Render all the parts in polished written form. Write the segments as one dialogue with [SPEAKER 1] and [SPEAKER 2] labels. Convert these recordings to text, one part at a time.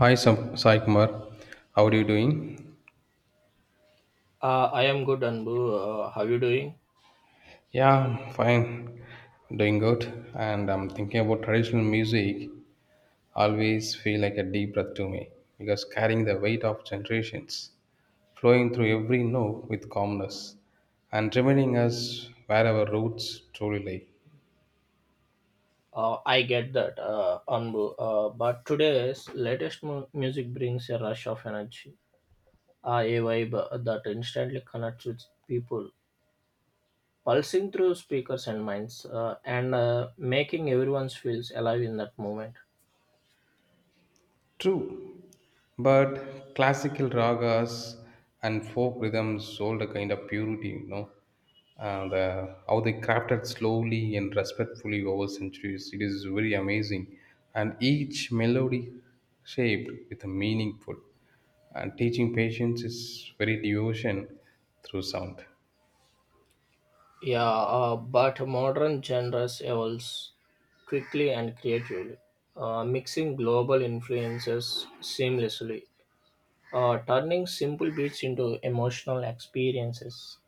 [SPEAKER 1] Hi, Sai Kumar. How are you doing?
[SPEAKER 2] I am good, Anbu. How you doing?
[SPEAKER 1] Yeah, I'm fine. Doing good. And I'm thinking about traditional music. Always feel like a deep breath to me because carrying the weight of generations, flowing through every note with calmness, and reminding us where our roots truly lie.
[SPEAKER 2] I get that, Anbu. But today's latest music brings a rush of energy, a vibe that instantly connects with people, pulsing through speakers and minds, and making everyone feels alive in that moment.
[SPEAKER 1] True, but classical ragas and folk rhythms hold a kind of purity, you know. And how they crafted slowly and respectfully over centuries, it is very amazing. And each melody shaped with a meaningful. And teaching patience is very devotion through sound.
[SPEAKER 2] Yeah, but modern genres evolves quickly and creatively, mixing global influences seamlessly. Turning simple beats into emotional experiences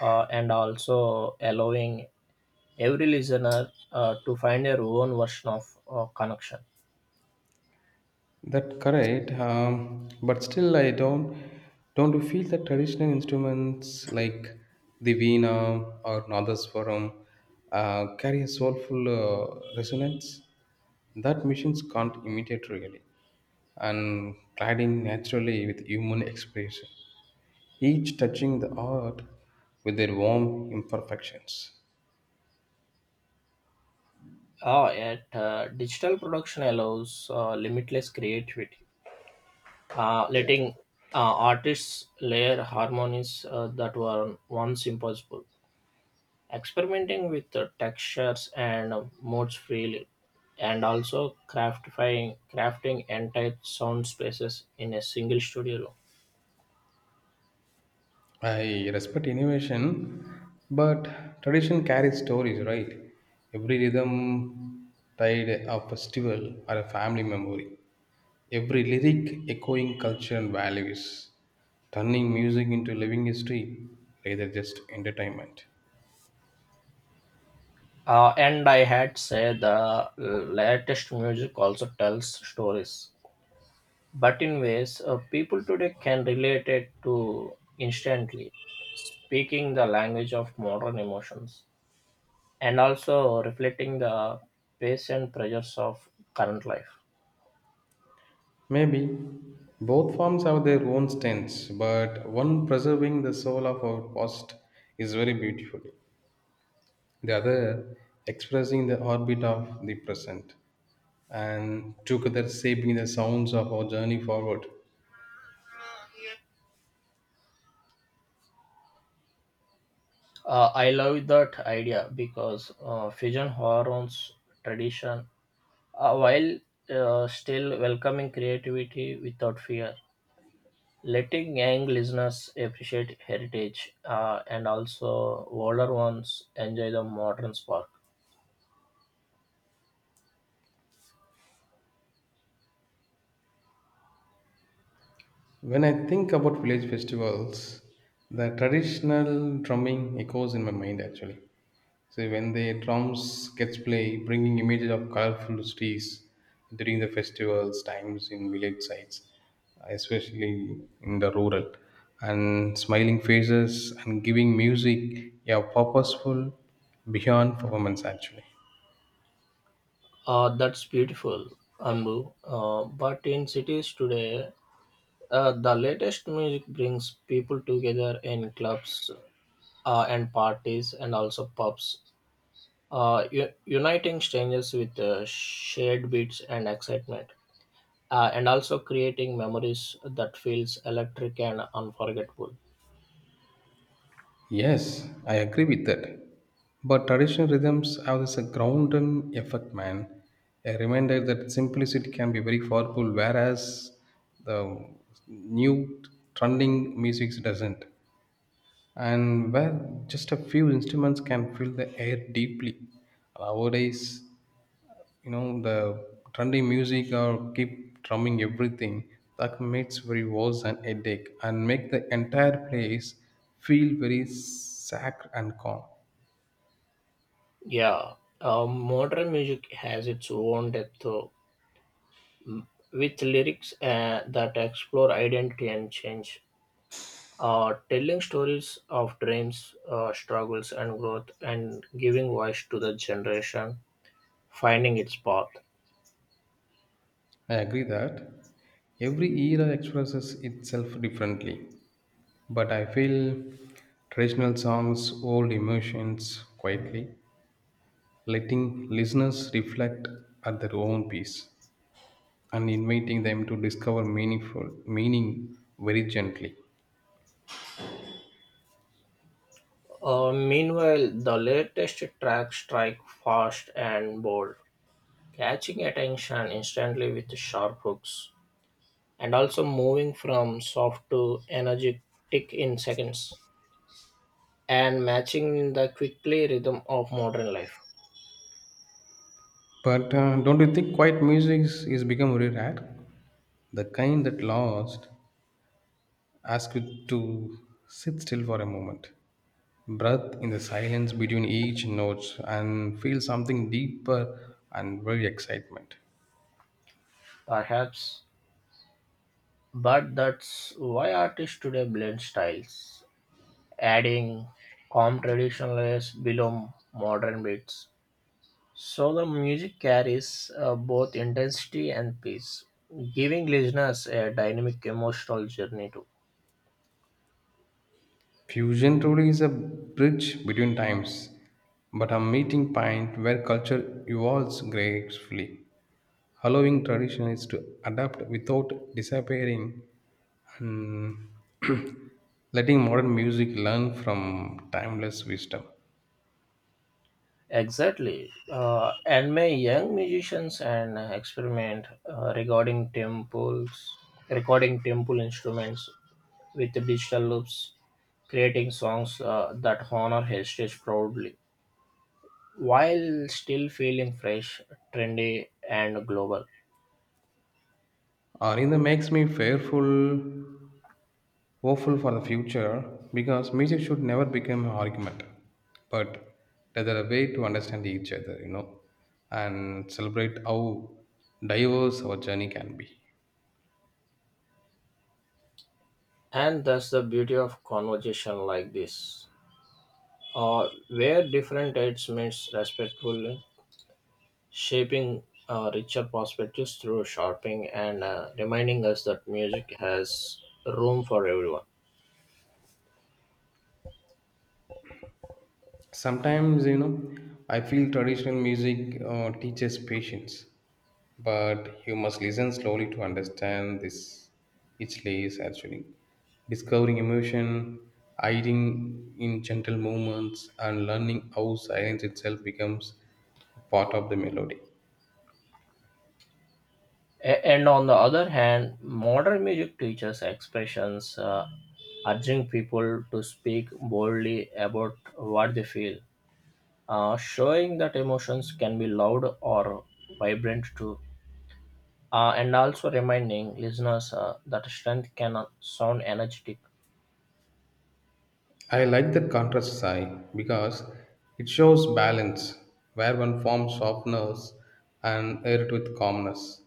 [SPEAKER 2] and also allowing every listener to find their own version of connection.
[SPEAKER 1] That correct, but still I don't you feel that traditional instruments like the veena or nadaswaram carry a soulful resonance that machines can't imitate really, and gliding naturally with human expression, each touching the art with their warm imperfections.
[SPEAKER 2] Yet, digital production allows limitless creativity, letting artists layer harmonies that were once impossible. Experimenting with the textures and modes freely, and also crafting entire sound spaces in a single studio room.
[SPEAKER 1] I respect innovation, but tradition carries stories, right? Every rhythm tied a festival or a family memory. Every lyric echoing culture and values, turning music into living history rather just entertainment.
[SPEAKER 2] And I had say the latest music also tells stories, but in ways people today can relate it to instantly, speaking the language of modern emotions and also reflecting the pace and pressures of current life.
[SPEAKER 1] Maybe both forms have their own strengths, but one preserving the soul of our past is very beautiful. The other expressing the orbit of the present, and together shaping the sounds of our journey forward.
[SPEAKER 2] I love that idea because fusion horror's tradition, while still welcoming creativity without fear, letting young listeners appreciate heritage and also older ones enjoy the modern spark.
[SPEAKER 1] When I think about village festivals, the traditional drumming echoes in my mind actually. So when the drums gets play, bringing images of colorful trees during the festivals times in village sites, especially in the rural, and smiling faces and giving music a purposeful beyond performance actually.
[SPEAKER 2] That's beautiful, Ambu. But in cities today, the latest music brings people together in clubs and parties and also pubs uniting strangers with shared beats and excitement, and also creating memories that feels electric and unforgettable.
[SPEAKER 1] Yes, I agree with that. But traditional rhythms have this grounding effect, man. A reminder that simplicity can be very powerful, whereas the new trending music doesn't. And where just a few instruments can fill the air deeply. Nowadays, you know the trendy music or keep drumming everything that makes very worse an headache and make the entire place feel very sacked and calm.
[SPEAKER 2] Yeah, modern music has its own depth, though, with lyrics that explore identity and change. Telling stories of dreams, struggles, and growth, and giving voice to the generation finding its path.
[SPEAKER 1] I agree that every era expresses itself differently, but I feel traditional songs hold emotions quietly, letting listeners reflect at their own pace and inviting them to discover meaning very gently.
[SPEAKER 2] Meanwhile, the latest tracks strike fast and bold, catching attention instantly with sharp hooks, and also moving from soft to energetic in seconds, and matching the quickly rhythm of modern life.
[SPEAKER 1] But don't you think quiet music is become very rare? The kind that lost ask you to sit still for a moment, breath in the silence between each note, and feel something deeper and very excitement.
[SPEAKER 2] Perhaps, but that's why artists today blend styles, adding calm traditionalists below modern beats. So the music carries both intensity and peace, giving listeners a dynamic emotional journey too.
[SPEAKER 1] Fusion truly is a bridge between times, but a meeting point where culture evolves gracefully, allowing traditions to adapt without disappearing and letting modern music learn from timeless wisdom.
[SPEAKER 2] Exactly. And my young musicians and experiment regarding temples, recording temple instruments with the digital loops, creating songs that honor heritage proudly while still feeling fresh, trendy, and global.
[SPEAKER 1] Arinda makes me fearful hopeful for the future because music should never become an argument, but rather a way to understand each other, you know, and celebrate how diverse our journey can be.
[SPEAKER 2] And that's the beauty of conversation like this, where different types meets respectfully shaping richer perspectives through shopping and reminding us that music has room for everyone.
[SPEAKER 1] Sometimes, you know, I feel traditional music teaches patience, but you must listen slowly to understand this each layer actually. Discovering emotion, hiding in gentle movements, and learning how silence itself becomes part of the melody.
[SPEAKER 2] And on the other hand, modern music teaches expressions, urging people to speak boldly about what they feel, showing that emotions can be loud or vibrant too, and also reminding listeners that strength can sound energetic.
[SPEAKER 1] I like that contrast sigh because it shows balance, where one form softens and air with calmness,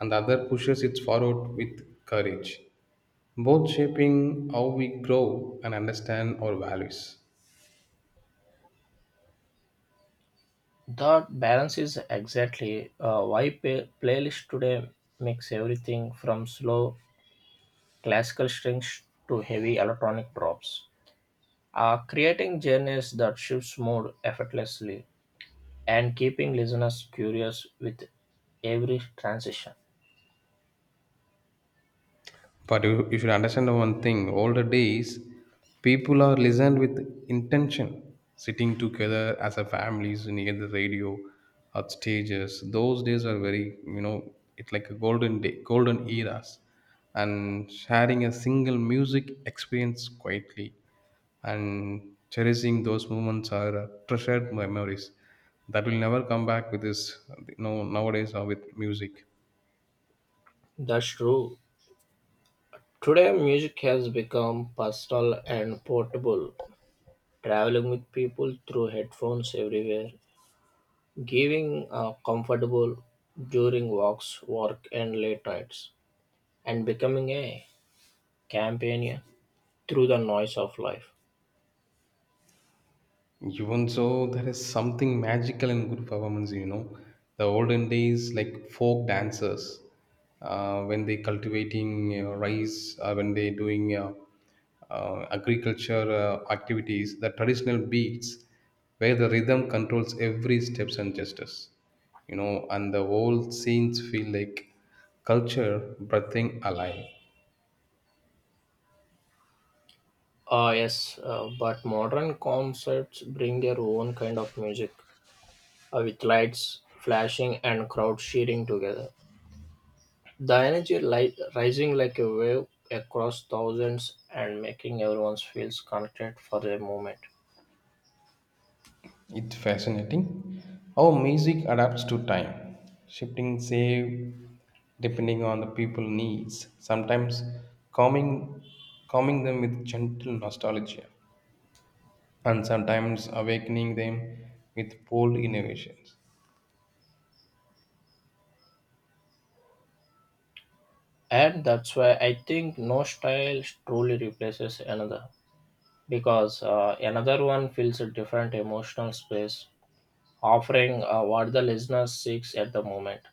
[SPEAKER 1] and the other pushes it forward with courage, both shaping how we grow and understand our values.
[SPEAKER 2] That balance is exactly why playlist today makes everything from slow classical strings to heavy electronic drops, creating genres that shifts mood effortlessly and keeping listeners curious with every transition.
[SPEAKER 1] But you should understand one thing. Older days, people are listened with intention, sitting together as a families near the radio, at stages. Those days are very, you know, it's like a golden day, golden eras, and sharing a single music experience quietly and cherishing those moments are treasured memories that will never come back with this, you know, nowadays or with music.
[SPEAKER 2] That's true. Today, music has become personal and portable, traveling with people through headphones everywhere, giving comfortable during walks, work, and late nights, and becoming a companion through the noise of life.
[SPEAKER 1] Even so, there is something magical in good performance, you know. The olden days, like folk dancers, when they cultivating, you know, rice, when they doing agriculture activities, the traditional beats, where the rhythm controls every steps and gestures, you know, and the whole scenes feel like culture breathing alive.
[SPEAKER 2] Ah, yes, but modern concerts bring their own kind of music with lights flashing and crowds cheering together. The energy rising like a wave across thousands and making everyone feels connected for a moment.
[SPEAKER 1] It's fascinating how music adapts to time, shifting save depending on the people needs, sometimes calming calming them with gentle nostalgia and sometimes awakening them with bold innovations.
[SPEAKER 2] And that's why I think no style truly replaces another because another one fills a different emotional space offering what the listener seeks at the moment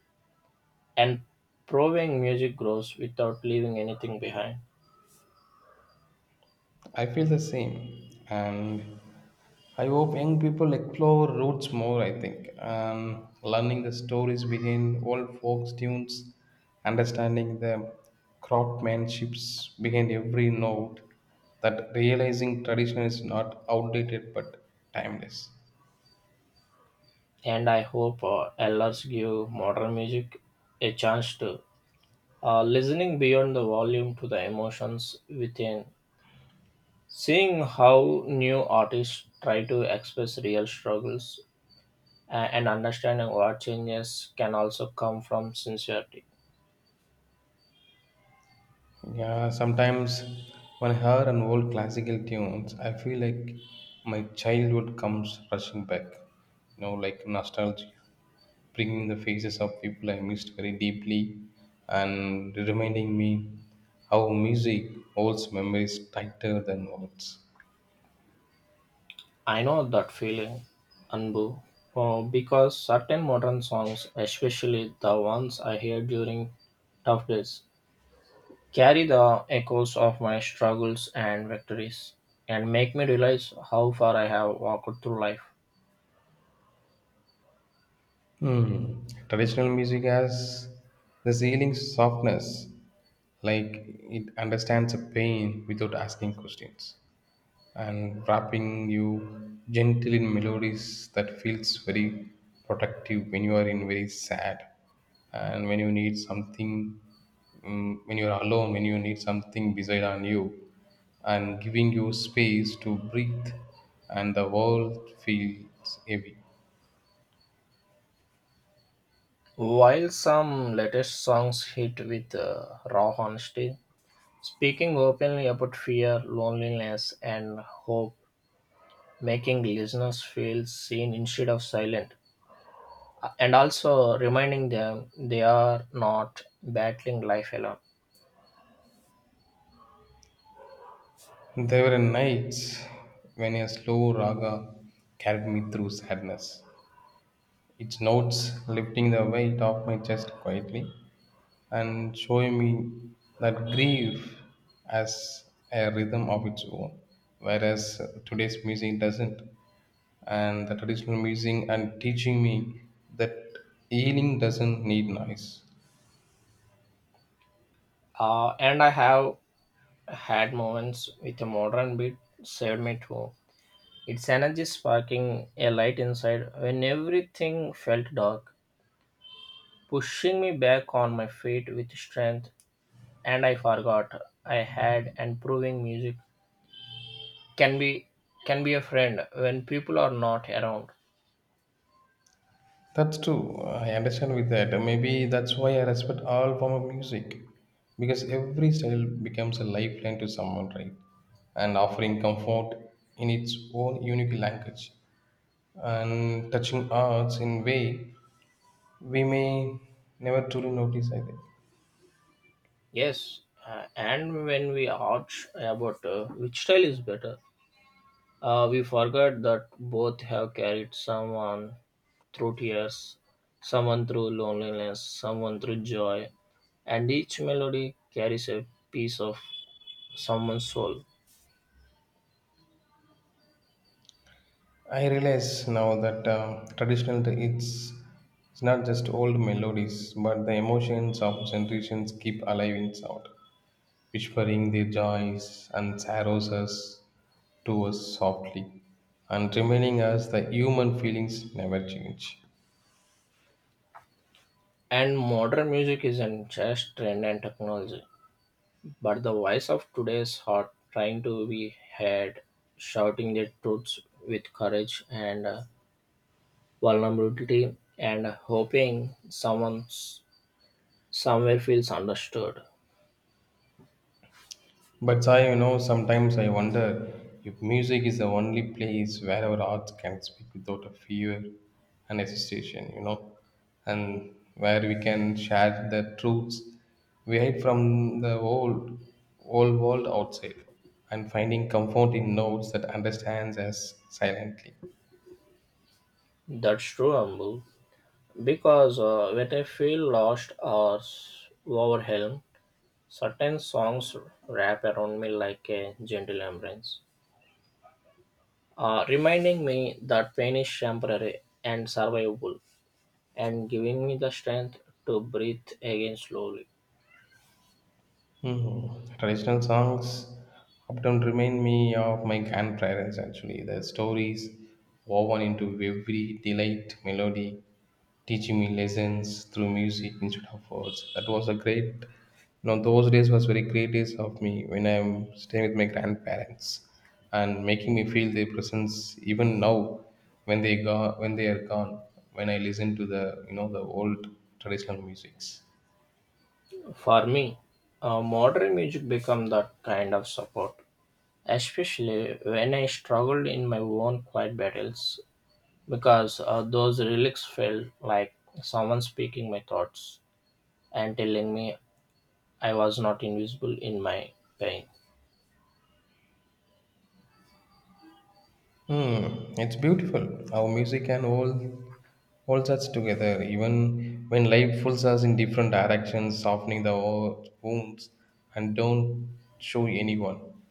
[SPEAKER 2] and proving music grows without leaving anything behind.
[SPEAKER 1] I feel the same, and I hope young people explore roots more. I think learning the stories behind old folk tunes, understanding the craftsmanships behind every note, that realizing tradition is not outdated but timeless.
[SPEAKER 2] And I hope elders give modern music a chance to listening beyond the volume to the emotions within, seeing how new artists try to express real struggles and understanding what changes can also come from sincerity.
[SPEAKER 1] Yeah, sometimes when I hear an old classical tunes, I feel like my childhood comes rushing back. You know, like nostalgia, bringing the faces of people I missed very deeply, and reminding me how music holds memories tighter than words.
[SPEAKER 2] I know that feeling, Anbu, because certain modern songs, especially the ones I hear during tough days, carry the echoes of my struggles and victories and make me realize how far I have walked through life.
[SPEAKER 1] Hmm. Traditional music has this healing softness, like it understands a pain without asking questions, and wrapping you gently in melodies that feels very protective when you are in very sad, and when you need something, when you are alone, when you need something beside on you, and giving you space to breathe, and the world feels heavy.
[SPEAKER 2] While some latest songs hit with raw honesty, speaking openly about fear, loneliness, and hope, making listeners feel seen instead of silent, and also reminding them they are not battling life alone.
[SPEAKER 1] There were nights when a slow raga carried me through sadness, its notes lifting the weight off my chest quietly and showing me that grief has a rhythm of its own, whereas today's music doesn't. And the traditional music and teaching me that healing doesn't need noise.
[SPEAKER 2] And I have had moments with a modern beat saved me too. Its energy sparking a light inside when everything felt dark, pushing me back on my feet with strength, and I forgot I had and proving music can be can be a friend when people are not around.
[SPEAKER 1] That's true. I understand with that. Maybe that's why I respect all form of music, because every style becomes a lifeline to someone, right? And offering comfort in its own unique language, and touching arts in way we may never truly notice. I think.
[SPEAKER 2] Yes, and when we argue about which style is better, we forget that both have carried someone through tears, someone through loneliness, someone through joy, and each melody carries a piece of someone's soul.
[SPEAKER 1] I realize now that it's not just old melodies, but the emotions of generations keep alive in sound, whispering their joys and to us softly, and reminding us that human feelings never change.
[SPEAKER 2] And modern music isn't just trend and technology, but the voice of today's heart trying to be heard, shouting the truths with courage and vulnerability, and hoping someone somewhere feels understood.
[SPEAKER 1] But Sai, you know, sometimes I wonder if music is the only place where our hearts can speak without a fear and hesitation, you know, and where we can share the truths we hide from the old world outside, and finding comfort in notes that understands us silently.
[SPEAKER 2] That's true, Ambu. Because when I feel lost or overwhelmed, certain songs wrap around me like a gentle embrace, reminding me that pain is temporary and survivable, and giving me the strength to breathe again slowly.
[SPEAKER 1] Mhm. Traditional songs often remind me of my grandparents, actually. Their stories woven into every delight melody, teaching me lessons through music instead of words. That was a great, you know, those days was very great days of me when I'm staying with my grandparents and making me feel their presence even now when they are gone, when I listen to the, you know, the old traditional musics.
[SPEAKER 2] For me, modern music became that kind of support, especially when I struggled in my own quiet battles, because those lyrics felt like someone speaking my thoughts and telling me I was not invisible in my pain.
[SPEAKER 1] Hmm, it's beautiful how music can holds us together, even when life pulls us in different directions, softening the wounds and don't show anyone,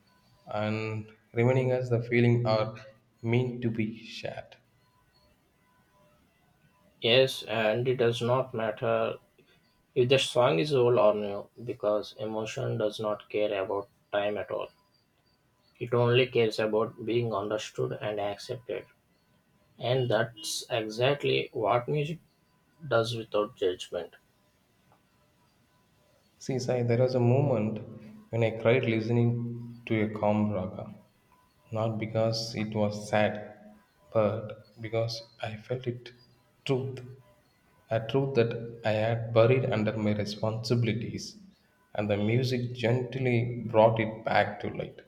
[SPEAKER 1] and reminding us the feeling are meant to be shared.
[SPEAKER 2] Yes, and it does not matter if the song is old or new because emotion does not care about time at all. It only cares about being understood and accepted. And that's exactly what music does without judgment.
[SPEAKER 1] See, Sai, there was a moment when I cried listening to a calm raga. Not because it was sad, but because I felt it truth. A truth that I had buried under my responsibilities, and the music gently brought it back to light.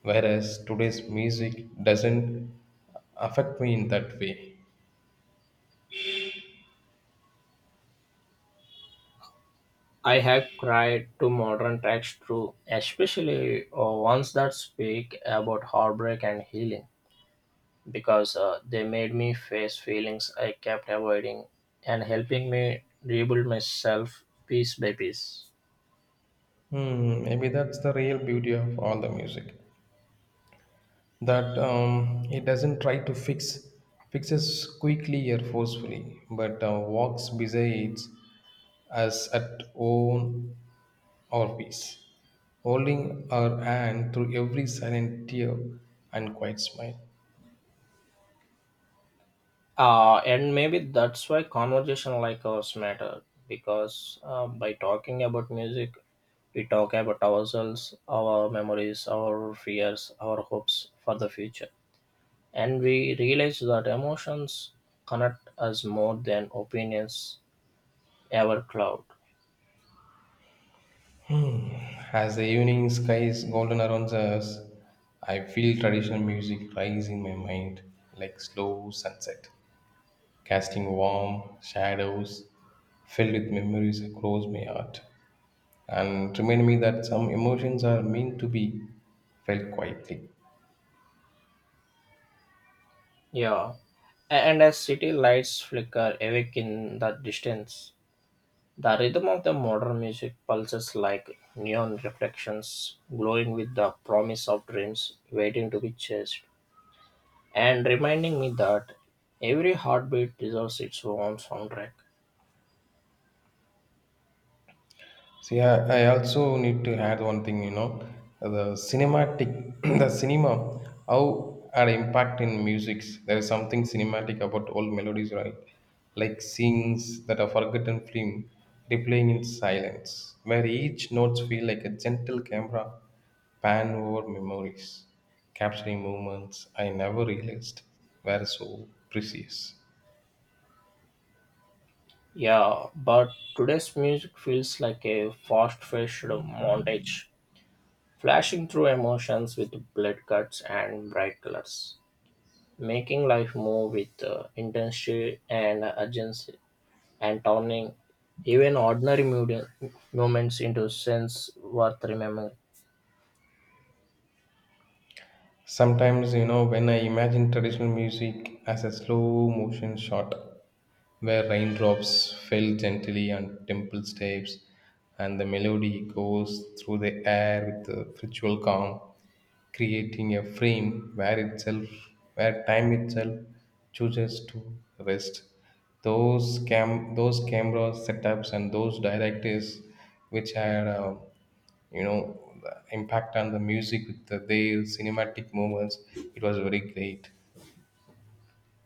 [SPEAKER 1] Whereas today's music doesn't affect me in that way.
[SPEAKER 2] I have cried to modern tracks too, especially ones that speak about heartbreak and healing. Because they made me face feelings I kept avoiding and helping me rebuild myself piece by piece.
[SPEAKER 1] Hmm, maybe that's the real beauty of all the music. That it doesn't try to fixes quickly or forcefully, but walks besides us at own or peace, holding our hand through every silent tear and quiet smile.
[SPEAKER 2] And maybe that's why conversation like ours matter because by talking about music, we talk about ourselves, our memories, our fears, our hopes for the future. And we realize that emotions connect us more than opinions ever cloud.
[SPEAKER 1] As the evening skies golden around us, I feel traditional music rise in my mind like slow sunset, casting warm shadows filled with memories across my heart. And remind me that some emotions are meant to be felt quietly.
[SPEAKER 2] Yeah, and as city lights flicker awake in the distance, the rhythm of the modern music pulses like neon reflections, glowing with the promise of dreams waiting to be chased, and reminding me that every heartbeat deserves its own soundtrack.
[SPEAKER 1] See, I also need to add one thing, you know, the the cinema, how our impact in musics. There is something cinematic about old melodies, right? Like scenes that are forgotten film replaying in silence, where each notes feel like a gentle camera pan over memories, capturing moments I never realized were so precious.
[SPEAKER 2] Yeah, but today's music feels like a fast-paced montage, flashing through emotions with blood cuts and bright colors. Making life move with intensity and urgency, and turning even ordinary moments into sense worth remembering.
[SPEAKER 1] Sometimes, you know, when I imagine traditional music as a slow motion shot where raindrops fell gently on temple steps and the melody goes through the air with a ritual calm, creating a frame where time itself chooses to rest. Those camera setups and those directors which had you know the impact on the music with the, their cinematic moments, it was very great.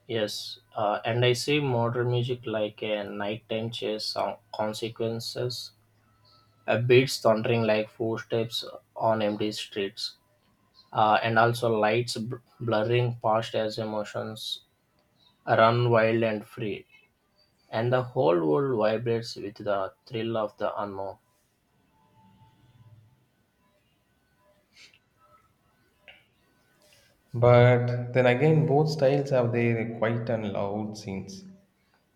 [SPEAKER 2] Yes, and I see modern music like a nighttime chase song, consequences, a beats thundering like footsteps on empty streets, and also lights blurring past as emotions run wild and free, and the whole world vibrates with the thrill of the unknown.
[SPEAKER 1] But then again, both styles have their quiet and loud scenes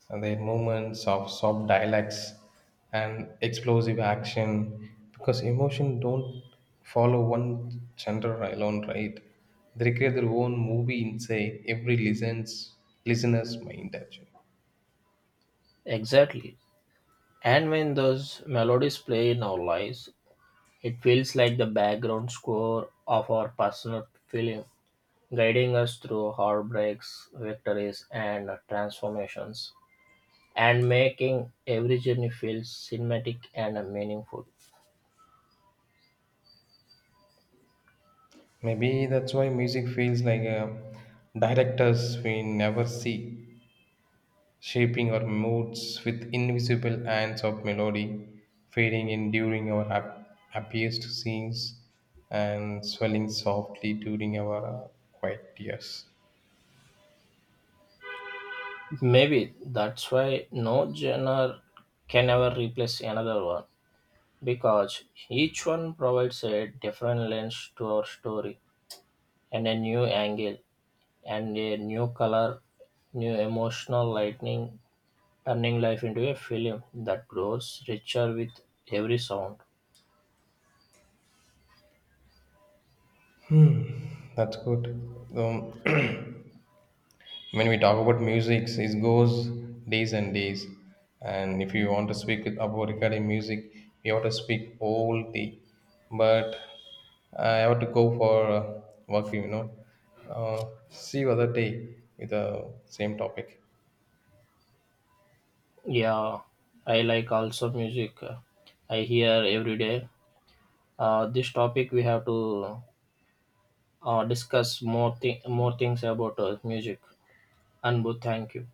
[SPEAKER 1] and their moments of soft dialects and explosive action because emotion don't follow one genre alone, right? They create their own movie inside every listens listener's mind actually.
[SPEAKER 2] Exactly. And when those melodies play in our lives, it feels like the background score of our personal feeling, guiding us through heartbreaks, victories, and transformations, and making every journey feel cinematic and meaningful.
[SPEAKER 1] Maybe that's why music feels like a directors we never see, shaping our moods with invisible hands of melody, fading in during our happiest scenes and swelling softly during our quiet years.
[SPEAKER 2] Maybe that's why no genre can ever replace another one, because each one provides a different lens to our story and a new angle and a new color, new emotional lightning, turning life into a film that grows richer with every sound.
[SPEAKER 1] That's good. Um, when we talk about music it goes days and days, and if you want to speak about regarding music you have to speak all day, but I have to go for work, you know. uh, see you other day with the same topic.
[SPEAKER 2] Yeah, I like also music. I hear every day. This topic we have to discuss more things about music. Anbu, thank you.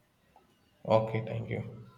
[SPEAKER 1] Okay, thank you.